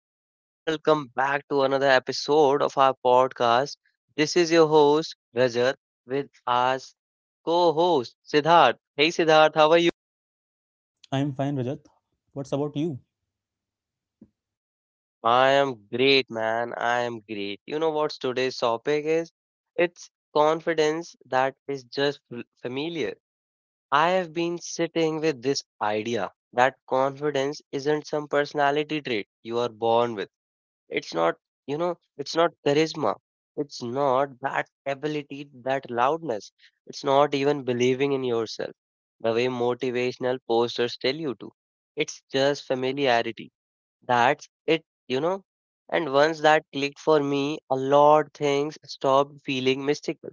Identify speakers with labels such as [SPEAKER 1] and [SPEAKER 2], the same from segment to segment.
[SPEAKER 1] everyone. Welcome back to another episode of our podcast. This is your host, Rajat, with our co host, Siddharth. Hey, Siddharth, how are you?
[SPEAKER 2] I'm fine, Rajat. What's about you?
[SPEAKER 1] I am great, man. I am great. You know what's today's topic is? It's confidence that is just familiar. I have been sitting with this idea that confidence isn't some personality trait you are born with. It's not, it's not charisma. It's not that ability, that loudness. It's not even believing in yourself, the way motivational posters tell you to. It's just familiarity. That's it. And once that clicked for me, a lot things stopped feeling mystical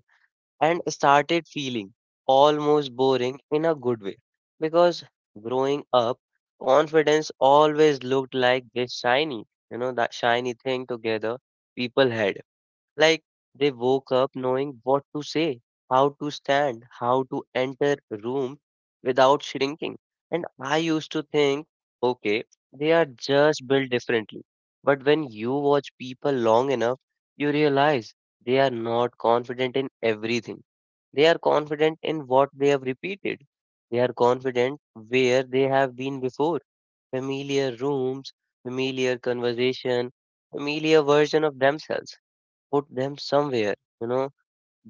[SPEAKER 1] and started feeling almost boring in a good way, because growing up, confidence always looked like this shiny you know that shiny thing together people had, like they woke up knowing what to say, how to stand, how to enter a room without shrinking. And I used to think, okay, they are just built differently. But when you watch people long enough, you realize they are not confident in everything. They are confident in what they have repeated. They are confident where they have been before. Familiar rooms, familiar conversation, familiar version of themselves. Put them somewhere, you know,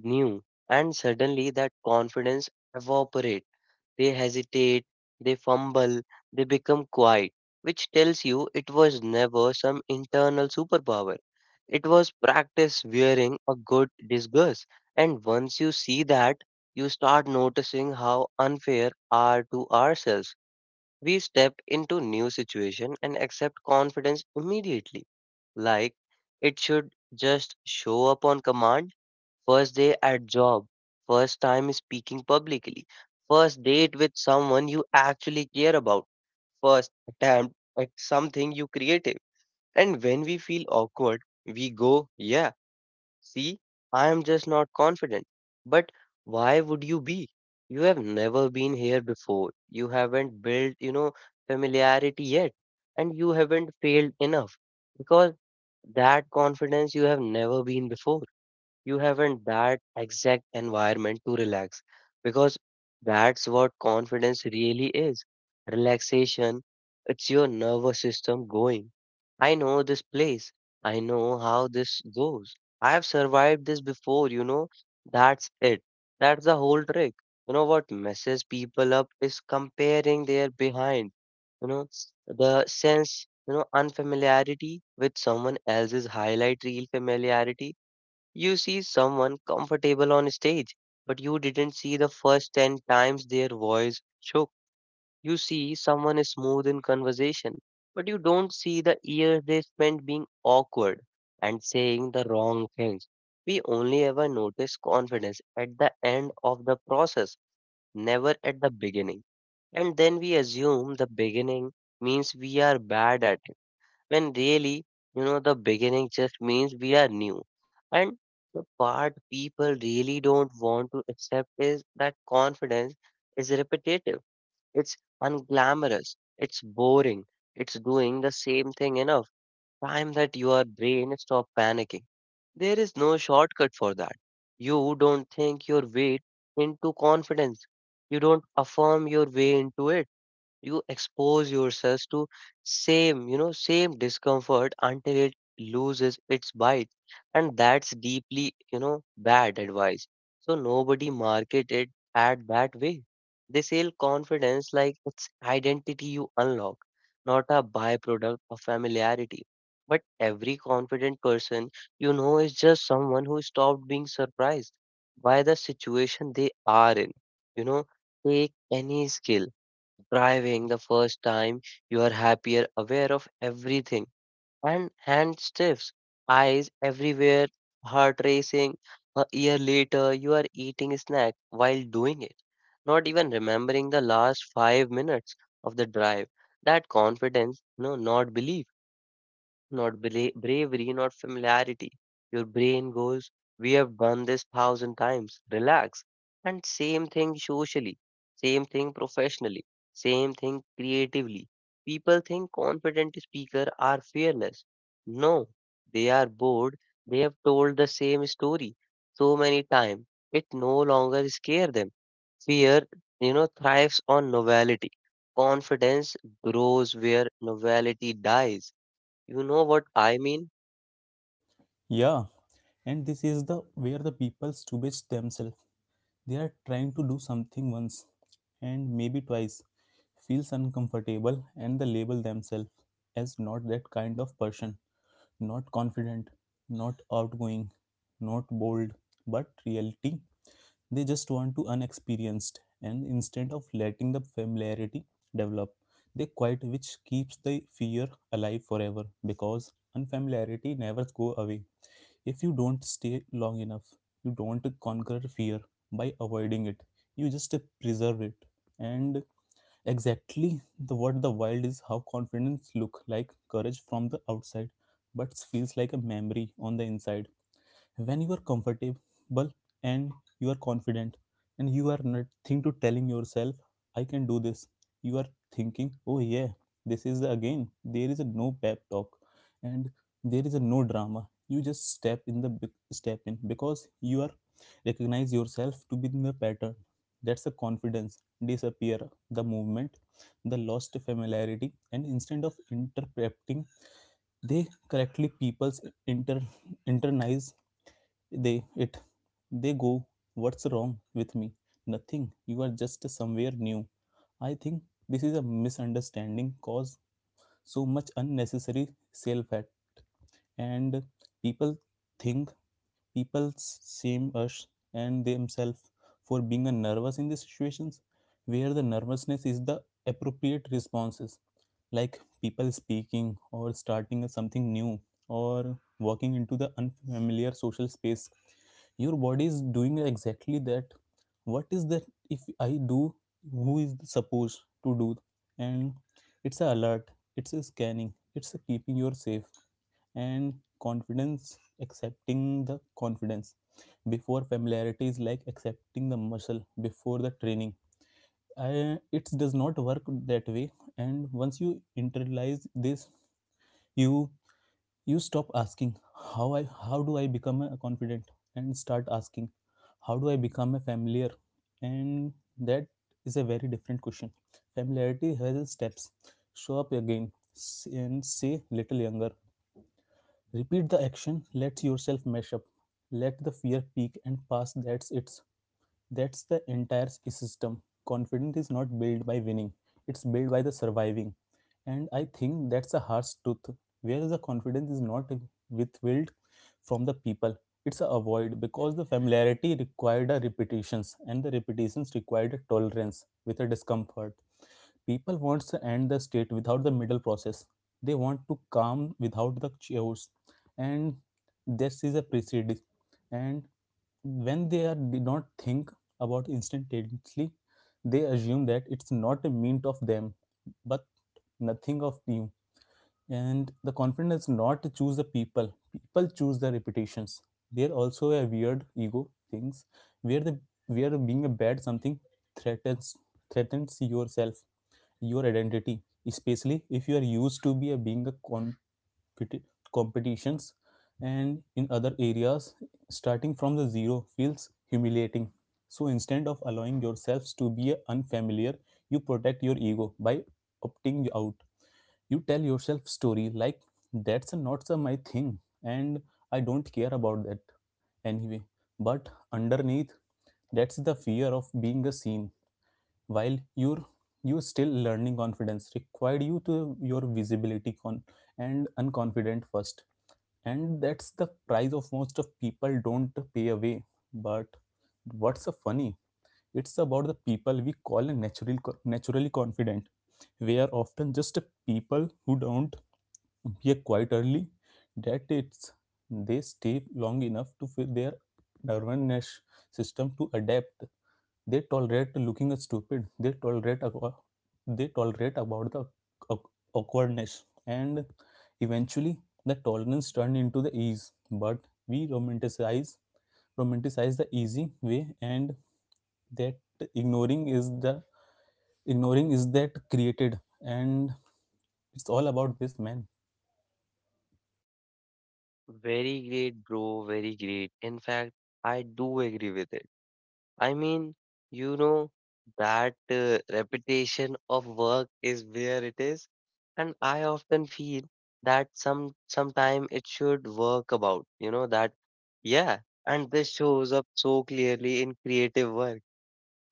[SPEAKER 1] new. And suddenly that confidence evaporate. They hesitate, they fumble, they become quiet, which tells you it was never some internal superpower. It was practice wearing a good disguise. And once you see that, you start noticing how unfair are to ourselves. We step into new situation and accept confidence immediately. Like it should just show up on command. First day at job, first time speaking publicly, first date with someone you actually care about, first attempt at something you creative. And when we feel awkward, we go, yeah. See, I am just not confident. But why would you be? You have never been here before. You haven't built, familiarity yet. And you haven't failed enough, because that confidence you have never been before, you haven't that exact environment to relax. Because that's what confidence really is: relaxation. It's your nervous system going, I know this place, I know how this goes, I have survived this before. That's it. That's the whole trick. You know what messes people up is comparing their behind, you know the sense, unfamiliarity with someone else's highlight real familiarity. You see someone comfortable on stage, but you didn't see the first 10 times their voice shook. You see someone is smooth in conversation, but you don't see the years they spent being awkward and saying the wrong things. We only ever notice confidence at the end of the process, never at the beginning. And then we assume the beginning means we are bad at it, when really, the beginning just means we are new. And the part people really don't want to accept is that confidence is repetitive, it's unglamorous, it's boring, it's doing the same thing enough time that your brain stop panicking. There is no shortcut for that. You don't think your way into confidence. You don't affirm your way into it. You expose yourselves to same you know same discomfort until it loses its bite. And that's deeply, you know bad advice. So nobody market it at that way. They sell confidence like it's identity you unlock, not a byproduct of familiarity. But every confident person, is just someone who stopped being surprised by the situation they are in. You know take any skill. Driving the first time, you are happier, aware of everything. And hand stiffs, eyes everywhere, heart racing. A year later, you are eating snack while doing it, not even remembering the last 5 minutes of the drive. That confidence, no, not belief. Not bravery, not familiarity. Your brain goes, we have done this thousand times, relax. And same thing socially, same thing professionally, same thing creatively. People think confident speakers are fearless. No, they are bored. They have told the same story so many times, it no longer scare them. Fear, thrives on novelty. Confidence grows where novelty dies. You know what I mean?
[SPEAKER 2] Yeah, and this is the where the people stupid themselves. They are trying to do something once and maybe twice, feels uncomfortable and they label themselves as not that kind of person. Not confident, not outgoing, not bold, but reality. They just want to unexperienced, and instead of letting the familiarity develop, they quiet, which keeps the fear alive forever because unfamiliarity never go away. If you don't stay long enough, you don't conquer fear by avoiding it. You just preserve it. And exactly the what the wild is how confidence look like courage from the outside, but feels like a memory on the inside when you are comfortable and you are confident and you are nothing to telling yourself I can do this. You are thinking, oh yeah, this is again. There is a no pep talk and there is a no drama. You just step in the big step in because you are recognize yourself to be in the pattern. That's a confidence disappear, the movement, the lost familiarity, and instead of interpreting they correctly people's inter internalize they it they go, what's wrong with me? Nothing. You are just somewhere new. I think this is a misunderstanding cause so much unnecessary self and people think people shame us and themselves for being a nervous in these situations where the nervousness is the appropriate responses, like people speaking or starting something new or walking into the unfamiliar social space. Your body is doing exactly that. What is that if I do, who is supposed to do? And it's a alert, it's a scanning, it's a keeping you safe. And confidence accepting the confidence before familiarity is like accepting the muscle before the training. It does not work that way. And once you internalize this, you stop asking how I how do I become a confident, and start asking how do I become a familiar. And that is a very different question. Familiarity has steps. Show up again and say little younger. Repeat the action, let yourself mesh up, let the fear peak and pass. That's the entire system. Confidence is not built by winning, it's built by the surviving. And I think that's a harsh truth. Where the confidence is not withheld from the people, it's a avoid because the familiarity required a repetitions and the repetitions required a tolerance with a discomfort. People wants to end the state without the middle process. They want to calm without the chaos, and this is a precedent. And when they are did not think about instantaneously, they assume that it's not a mean of them, but nothing of you. And the confidence not to choose the people. People choose the reputations. They're also a weird ego things where the where being a bad something threatens threatens yourself, your identity, especially if you are used to be a being a competitions and in other areas, starting from the zero feels humiliating. So instead of allowing yourselves to be unfamiliar, you protect your ego by opting out. You tell yourself story like, that's not my thing, and I don't care about that anyway. But underneath, that's the fear of being a seen while you're you still learning. Confidence required you to your visibility con and unconfident first, and that's the price of most of people don't pay away. But what's so funny, it's about the people we call natural naturally confident. We are often just people who don't appear quite early, that it's they stay long enough to fit their nervous system to adapt. They tolerate looking stupid. They tolerate they tolerate about the awkwardness, and eventually the tolerance turned into the ease. But we romanticize the easy way, and that ignoring is the ignoring is that created, and it's all about this, man.
[SPEAKER 1] Very great, bro. Very great. In fact, I do agree with it. I mean, you know, that reputation of work is where it is. And I often feel that sometime it should work about, that, yeah. And this shows up so clearly in creative work.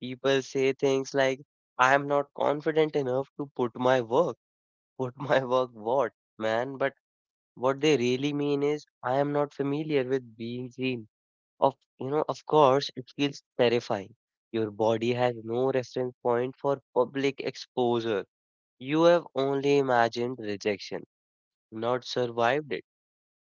[SPEAKER 1] People say things like, I am not confident enough to put my work. Put my work what, man? But what they really mean is, I am not familiar with being green. Of course, it feels terrifying. Your body has no reference point for public exposure. You have only imagined rejection, not survived it.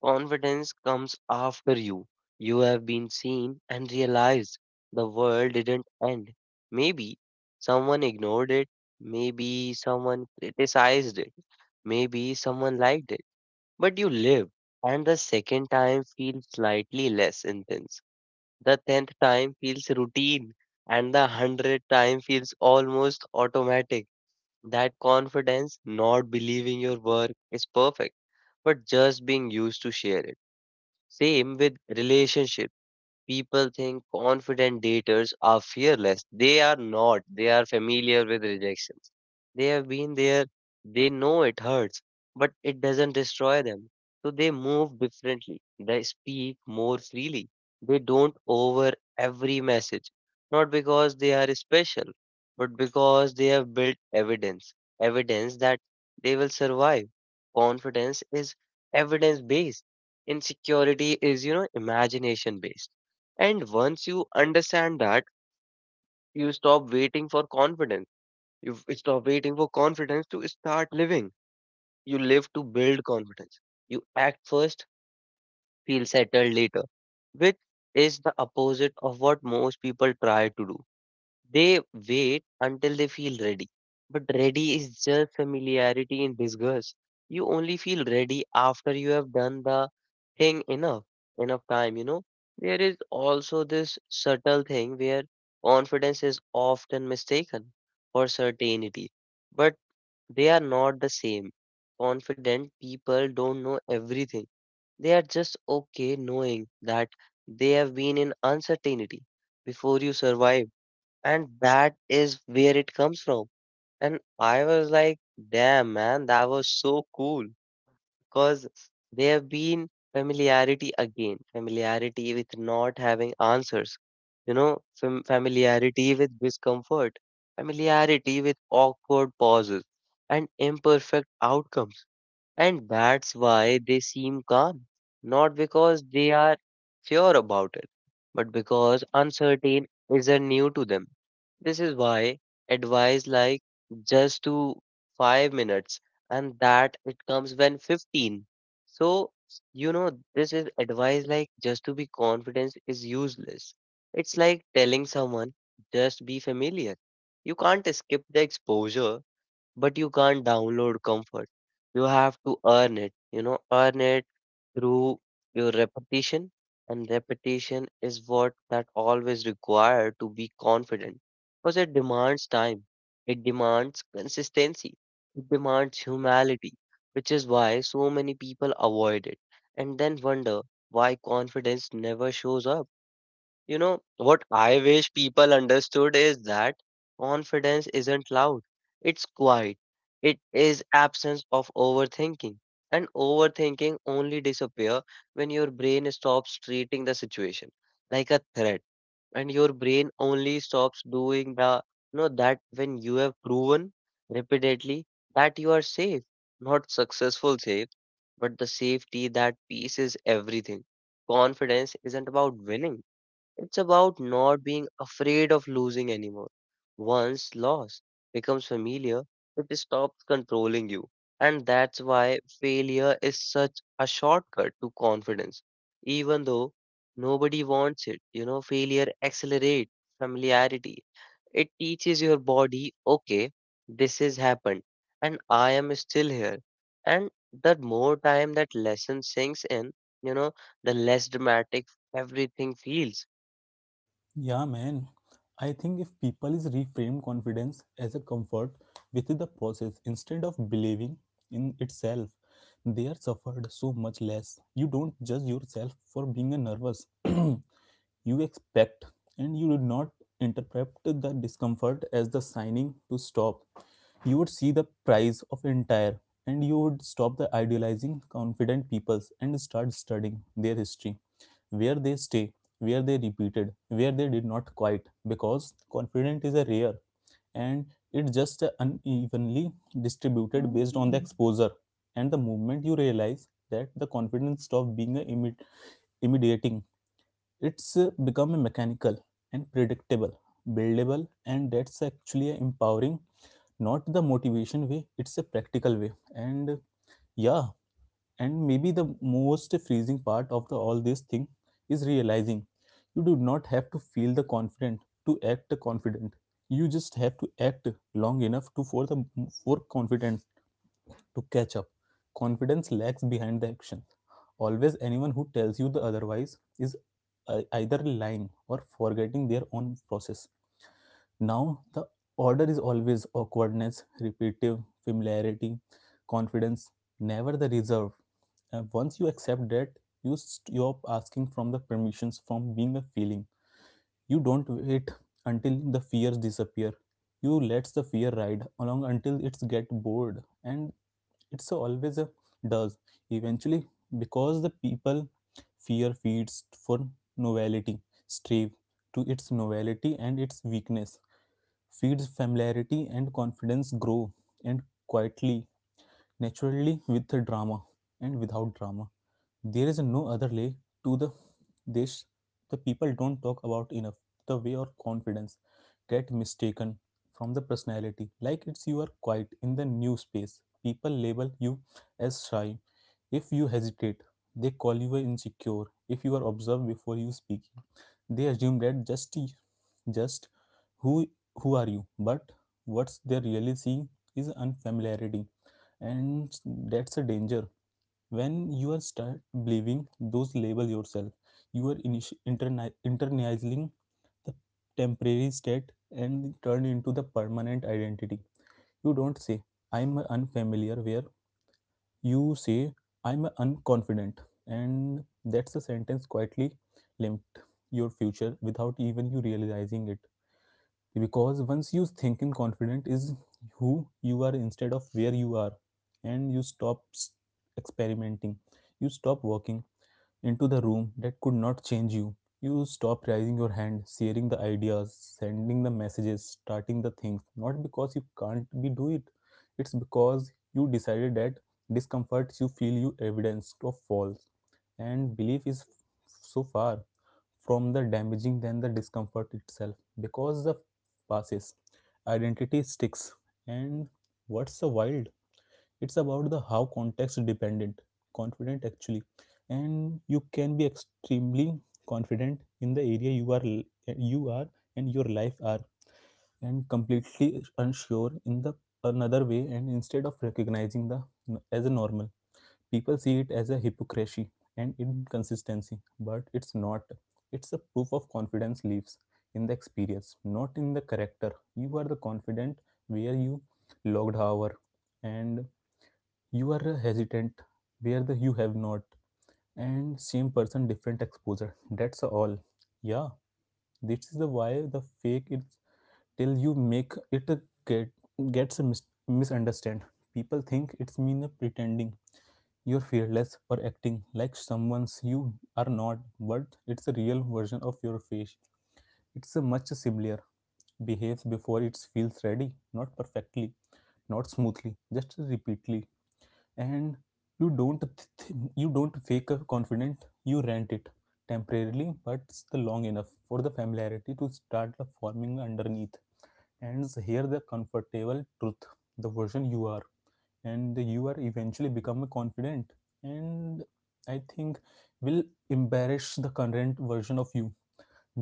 [SPEAKER 1] Confidence comes after you. You have been seen and realized the world didn't end. Maybe someone ignored it. Maybe someone criticized it. Maybe someone liked it, but you live, and the second time feels slightly less intense. The tenth time feels routine, and the 100th time feels almost automatic. That confidence, not believing your work is perfect, but just being used to share it. Same with relationships. People think confident daters are fearless. They are not. They are familiar with rejections. They have been there. They know it hurts, but it doesn't destroy them. So they move differently. They speak more freely. They don't over every message. Not because they are special, but because they have built evidence. Evidence that they will survive. Confidence is evidence based. Insecurity is, imagination based. And once you understand that, you stop waiting for confidence. You stop waiting for confidence to start living. You live to build confidence. You act first, feel settled later, which is the opposite of what most people try to do. They wait until they feel ready. But ready is just familiarity in disguise. You only feel ready after you have done the thing enough, enough time. There is also this subtle thing where confidence is often mistaken for certainty, but they are not the same. Confident people don't know everything. They are just okay knowing that they have been in uncertainty before you survive, and that is where it comes from. And I was like, damn, man, that was so cool because there have been familiarity again, familiarity with not having answers, familiarity with discomfort, familiarity with awkward pauses and imperfect outcomes. And that's why they seem calm, not because they are sure about it, but because uncertain isn't new to them. This is why advice like just to 5 minutes and that it comes when 15. So, this is advice like just to be confident is useless. It's like telling someone just be familiar. You can't skip the exposure, but you can't download comfort. You have to earn it, earn it through your repetition. And repetition is what that always required to be confident, because it demands time, it demands consistency, it demands humility, which is why so many people avoid it and then wonder why confidence never shows up. You know, what I wish people understood is that confidence isn't loud, it's quiet. It is absence of overthinking. And overthinking only disappear when your brain stops treating the situation like a threat. And your brain only stops doing the, that when you have proven repeatedly that you are safe, not successful safe, but the safety that peace is everything. Confidence isn't about winning. It's about not being afraid of losing anymore. Once loss becomes familiar, it stops controlling you. And that's why failure is such a shortcut to confidence. Even though nobody wants it, failure accelerates familiarity. It teaches your body, okay, this has happened and I am still here. And the more time that lesson sinks in, you know, the less dramatic everything feels.
[SPEAKER 2] Yeah, man. I think if people is reframe confidence as a comfort with the process instead of believing in itself, they are suffered so much less. You don't judge yourself for being a nervous. You expect and you do not interpret the discomfort as the signing to stop. You would see the price of entire and you would stop the idealizing confident peoples and start studying their history, where they stay, where they repeated, where they did not quite, because confidence is a rare and it's just unevenly distributed based on the exposure. And the moment you realize that the confidence stopped being a immediate immediating. It's become a mechanical and predictable, buildable, and that's actually a empowering, not the motivation way, it's a practical way. And yeah, and maybe the most freezing part of the, all this thing is realizing you do not have to feel the confident to act confident. You just have to act long enough to for the for confidence to catch up. Confidence lags behind the action always. Anyone who tells you the otherwise is either lying or forgetting their own process. Now, the order is always awkwardness, repetitive, familiarity, confidence, never the reserve. And once you accept that, you stop asking from the permissions from being a feeling. You don't wait until the fears disappear. You let the fear ride along until it's get bored, and it's always a does eventually, because the people fear feeds for novelty, strive to its novelty and its weakness feeds familiarity and confidence grow and quietly naturally with drama and without drama. There is no other lay to the this the people don't talk about enough. The way or confidence get mistaken from the personality. Like it's you are quiet in the new space. People label you as shy. If you hesitate, they call you insecure. If you are observed before you speak, they assume that just who who are you? But what's they really seeing is unfamiliarity, and that's a danger when you are start believing those label yourself. You are internalizing the temporary state and turn into the permanent identity. You don't say I'm a unfamiliar where, you say I'm a unconfident, and that's the sentence quietly limped your future without even you realizing it, because once you think in confident is who you are instead of where you are, and you stop experimenting, you stop walking into the room that could not change you, you stop raising your hand, sharing the ideas, sending the messages, starting the things, not because you can't be do it, it's because you decided that discomforts you feel you evidence of false, and belief is so far from the damaging than the discomfort itself, because the passes identity sticks. And what's the wild, it's about the how context dependent confident actually, and you can be extremely confident in the area you are and your life are, and completely unsure in the another way, and instead of recognizing the as a normal, people see it as a hypocrisy and inconsistency, but it's not. It's a proof of confidence lives in the experience, not in the character. You are the confident where you logged hour, and you are a hesitant where the you have not. And same person, different exposure. That's all. Yeah, this is the why the fake is till you make it get gets a misunderstand. People think it's mean pretending you're fearless or acting like someone's you are not, but it's a real version of your face. It's a much simpler. Behaves before it feels ready, not perfectly, not smoothly, just repeatedly. And you don't you don't fake a confident, you rent it temporarily but it's the long enough for the familiarity to start the forming underneath. And here the comfortable truth, the version you are and you are eventually become a confident, and I think will embarrass the current version of you.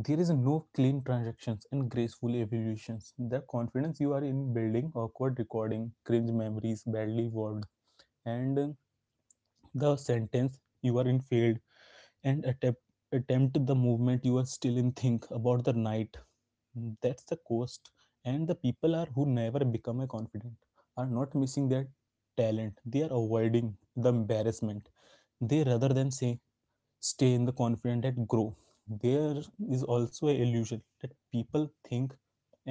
[SPEAKER 2] There is no clean transactions and graceful evolutions the confidence you are in building awkward recording cringe memories badly worded, and the sentence you are in field and attempt the movement you are still in think about the night. That's the cost, and the people are who never become a confident are not missing their talent, they are avoiding the embarrassment. They rather than say stay in the confident and grow. There is also a illusion that people think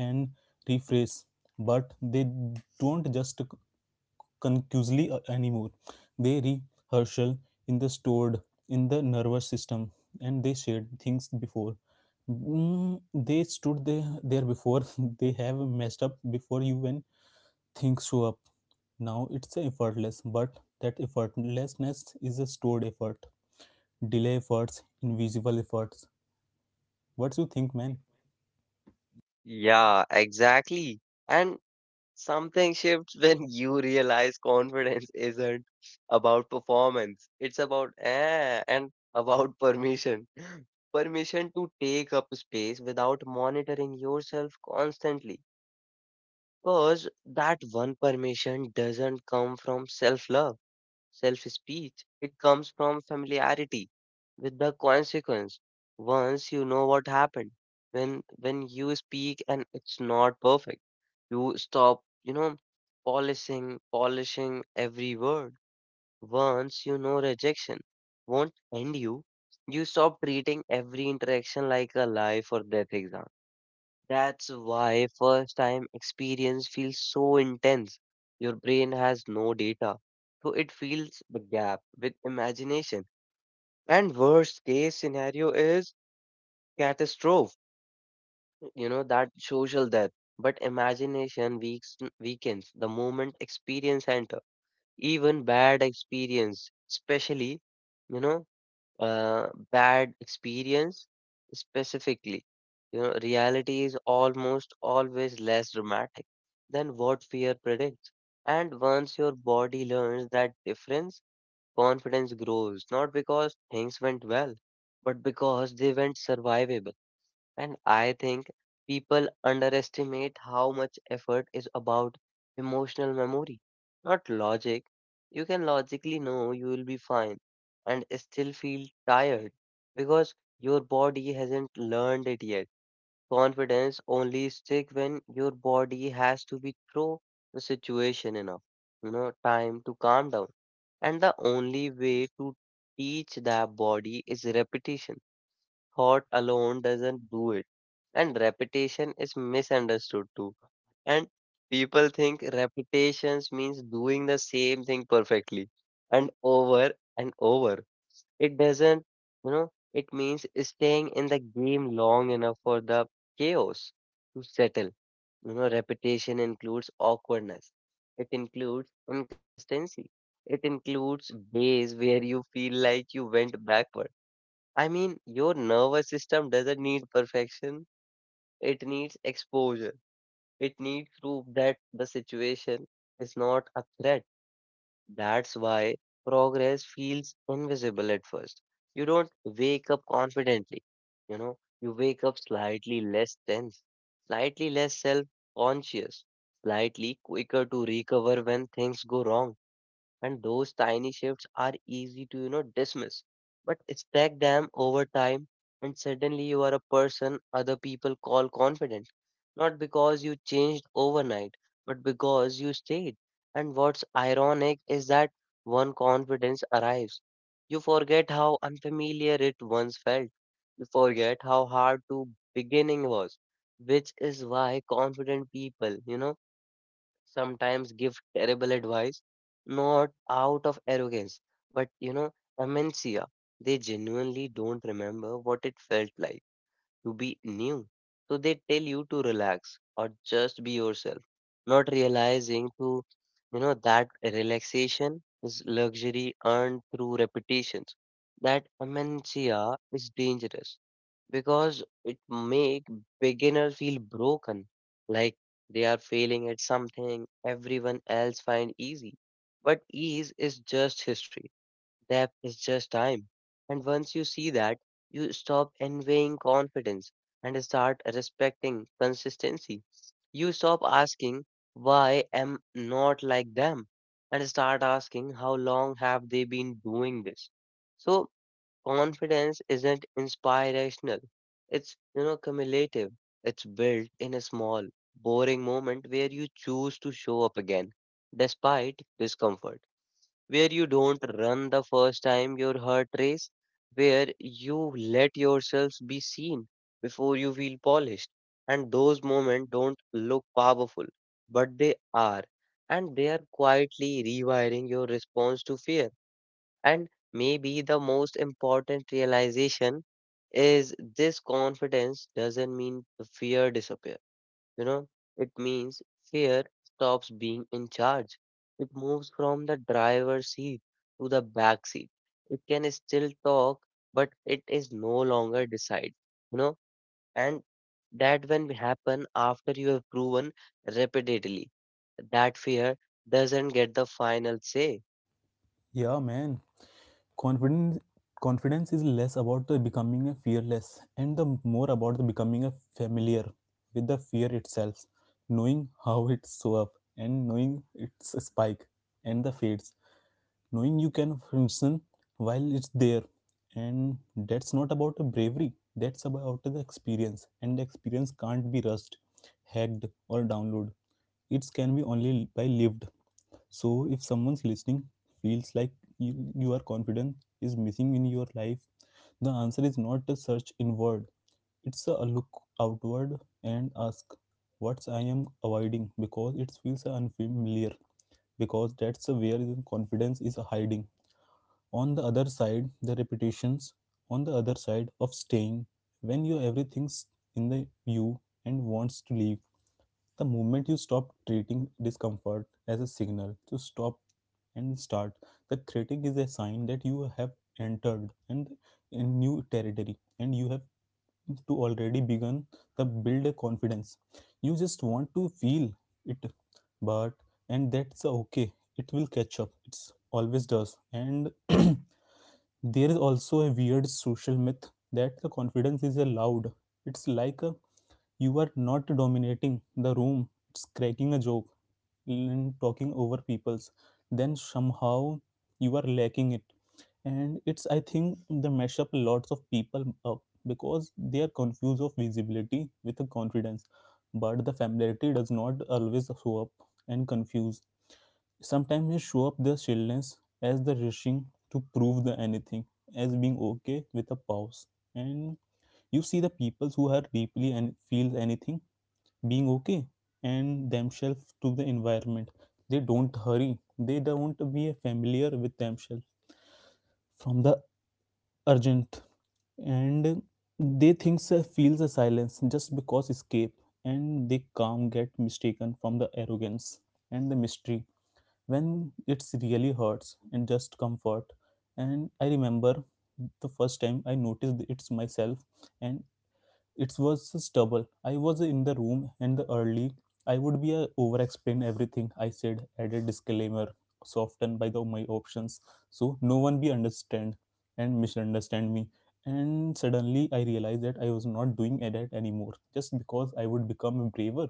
[SPEAKER 2] and rephrase, but they don't just conclusively anymore. They rehearsal in the stored in the nervous system and they shared things before. They stood there before they have messed up before you when things show up. Now it's effortless, but that effortlessness is a stored effort. Delay efforts, invisible efforts. What do you think, man?
[SPEAKER 1] Yeah, exactly. And something shifts when you realize confidence isn't about performance. It's about eh, and about permission. Permission to take up space without monitoring yourself constantly. Because that one permission doesn't come from self-love self speech. It comes from familiarity with the consequence. Once you know what happened, when you speak and it's not perfect, you stop, polishing every word. Once you know rejection won't end you, you stop treating every interaction like a life or death exam. That's why first time experience feels so intense. Your brain has no data, so it fills the gap with imagination. And worst case scenario is catastrophe, that social death. But imagination weakens the moment experience enter. Even bad experience, especially, you know, bad experience specifically, reality is almost always less dramatic than what fear predicts. And once your body learns that difference, confidence grows, not because things went well, but because they went survivable. And I think people underestimate how much effort is about emotional memory, not logic. You can logically know you will be fine and still feel tired because your body hasn't learned it yet. Confidence only stick when your body has to be through the situation enough, time to calm down. And the only way to teach the body is repetition. Thought alone doesn't do it. And repetition is misunderstood too. And people think repetitions means doing the same thing perfectly and over and over. It doesn't, it means staying in the game long enough for the chaos to settle. Repetition includes awkwardness. It includes inconsistency. It includes days where you feel like you went backward. I mean, your nervous system doesn't need perfection. It needs exposure. It needs proof that the situation is not a threat. That's why progress feels invisible at first. You don't wake up confidently. You wake up slightly less tense, slightly less self conscious, slightly quicker to recover when things go wrong. And those tiny shifts are easy to dismiss. But stack them over time, and suddenly you are a person other people call confident, not because you changed overnight, but because you stayed. And what's ironic is that one confidence arrives, you forget how unfamiliar it once felt. You forget how hard to beginning was, which is why confident people, sometimes give terrible advice, not out of arrogance, but, amnesia. They genuinely don't remember what it felt like to be new. So they tell you to relax or just be yourself, not realizing to, that relaxation is luxury earned through repetitions. That amnesia is dangerous because it make beginner feel broken, like they are failing at something everyone else find easy. But ease is just history, depth is just time. And once you see that, you stop envying confidence and start respecting consistency. You stop asking why am not like them, and start asking how long have they been doing this. So confidence isn't inspirational. It's, cumulative. It's built in a small, boring moment where you choose to show up again, despite discomfort, where you don't run the first time your heart race, where you let yourself be seen before you feel polished. And those moments don't look powerful, but they are. And they are quietly rewiring your response to fear. And maybe the most important realization is this: confidence doesn't mean the fear disappear. You know, it means fear stops being in charge. It moves from the driver's seat to the back seat. It can still talk, but it is no longer decide. You know, and that when happen after you have proven repeatedly that fear doesn't get the final say.
[SPEAKER 2] Yeah, man. Confidence confidence is less about the becoming a fearless and the more about the becoming a familiar with the fear itself, knowing how it show up and knowing its spike and the fades. Knowing you can function while it's there. And that's not about the bravery, that's about the experience. And the experience can't be rushed, hacked, or downloaded. It can be only by lived. So if someone's listening feels like you are confidence is missing in your life, the answer is not a search inward. It's a look outward and ask, what's I am avoiding? Because it feels unfamiliar. Because that's where the confidence is hiding on the other side the repetitions, on the other side of staying when you everything's in the view and wants to leave. The moment you stop treating discomfort as a signal to stop and start, the critic is a sign that you have entered and a new territory, and you have to already begun the build a confidence. You just want to feel it, but and that's okay. It will catch up, it's always does. And there is also a weird social myth that the confidence is allowed. It's like a, you are not dominating the room, it's cracking a joke and talking over people's, then somehow you are lacking it. And it's I think they mesh up lots of people up, because they are confused of visibility with the confidence. But the familiarity does not always show up and confuse. Sometimes they show up the shyness as the rushing to prove the anything, as being okay with a pause. And you see the people who are deeply and feel anything, being okay and themselves to the environment. They don't hurry, they don't be familiar with themselves from the urgent, and they think feels a silence just because escape, and they calm get mistaken from the arrogance and the mystery, when it's really hurts and just comfort. And I remember the first time I noticed it's myself, and it was just double. I was in the room and the early. I would be a over explain everything I said, added disclaimer, softened by the my options, so no one be understand and misunderstand me. And suddenly I realized that I was not doing that anymore, just because I would become braver,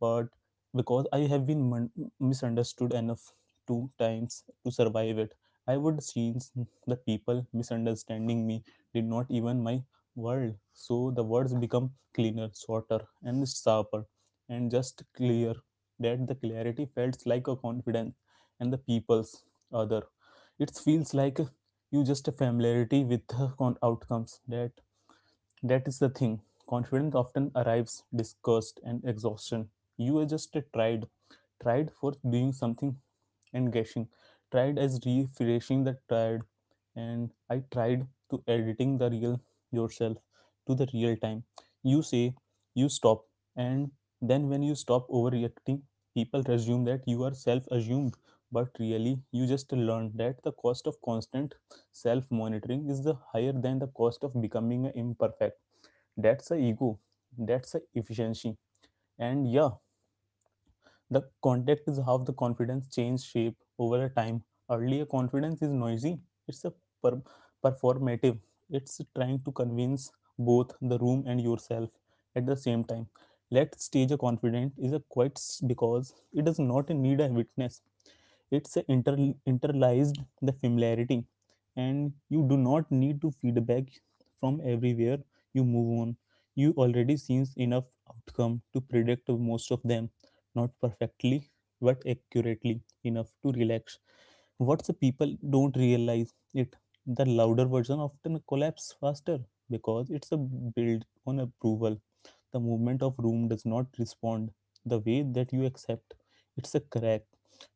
[SPEAKER 2] but because I have been misunderstood enough two times to survive it. I would change the people misunderstanding me did not even my world. So the words become cleaner, shorter, and sharper, and just clear. That the clarity felt like a confidence, and the people's other. It feels like you just a familiarity with the outcomes, that that is the thing. Confidence often arrives disgust and exhaustion. You are just tried, tried for doing something and guessing, tried as refreshing the tired, and I tried to editing the real yourself to the real time. You say you stop, and then when you stop overreacting, people assume that you are self-assumed, but really you just learned that the cost of constant self-monitoring is the higher than the cost of becoming imperfect. That's a ego. That's a efficiency. And yeah, the context is how the confidence changes shape over a time. Earlier, confidence is noisy, it's a per- performative, it's trying to convince both the room and yourself at the same time. Let's stage a confident is a quite because it does not need a witness. It's a internalized the familiarity, and you do not need to feedback from everywhere you move on. You already seen enough outcome to predict most of them, not perfectly, but accurately enough to relax. What the people don't realize it, the louder version often collapse faster because it's a build on approval. The movement of room does not respond the way that you accept. It's a crack.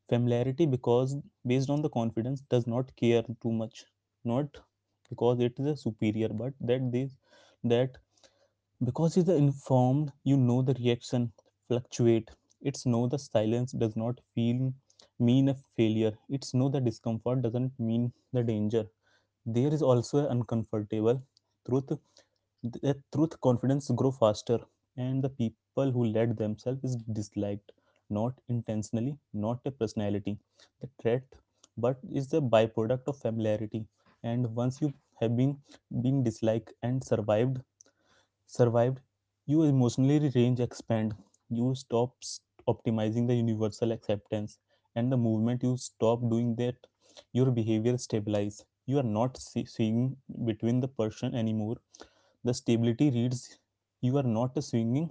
[SPEAKER 2] Familiarity because based on the confidence does not care too much. Not because it is a superior, but that they that because you are informed, you know the reaction fluctuate. It's know the silence does not feel mean a failure. It's know the discomfort doesn't mean the danger. There is also an uncomfortable truth. The truth confidence grow faster, and the people who let themselves is disliked, not intentionally, not a personality, the threat, but is the byproduct of familiarity. And once you have been disliked and survived, you emotionally range expand. You stop optimizing the universal acceptance, and the movement. You stop doing that, your behavior stabilize. You are not swinging between the person anymore. The stability reads you are not swinging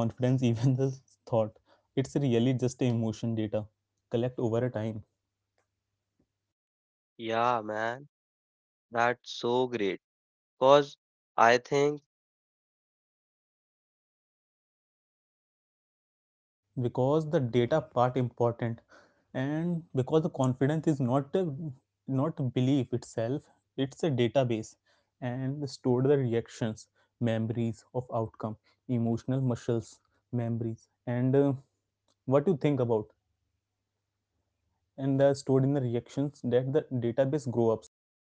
[SPEAKER 2] confidence, even the thought. It's really just a emotion data collect over a time.
[SPEAKER 1] Yeah, man. That's so great because I think
[SPEAKER 2] Because the data part important, and because the confidence is not a, not belief itself, it's a database and store the reactions, memories of outcome, emotional muscles, memories, and what you think about, and they're stored in the reactions that the database grow ups.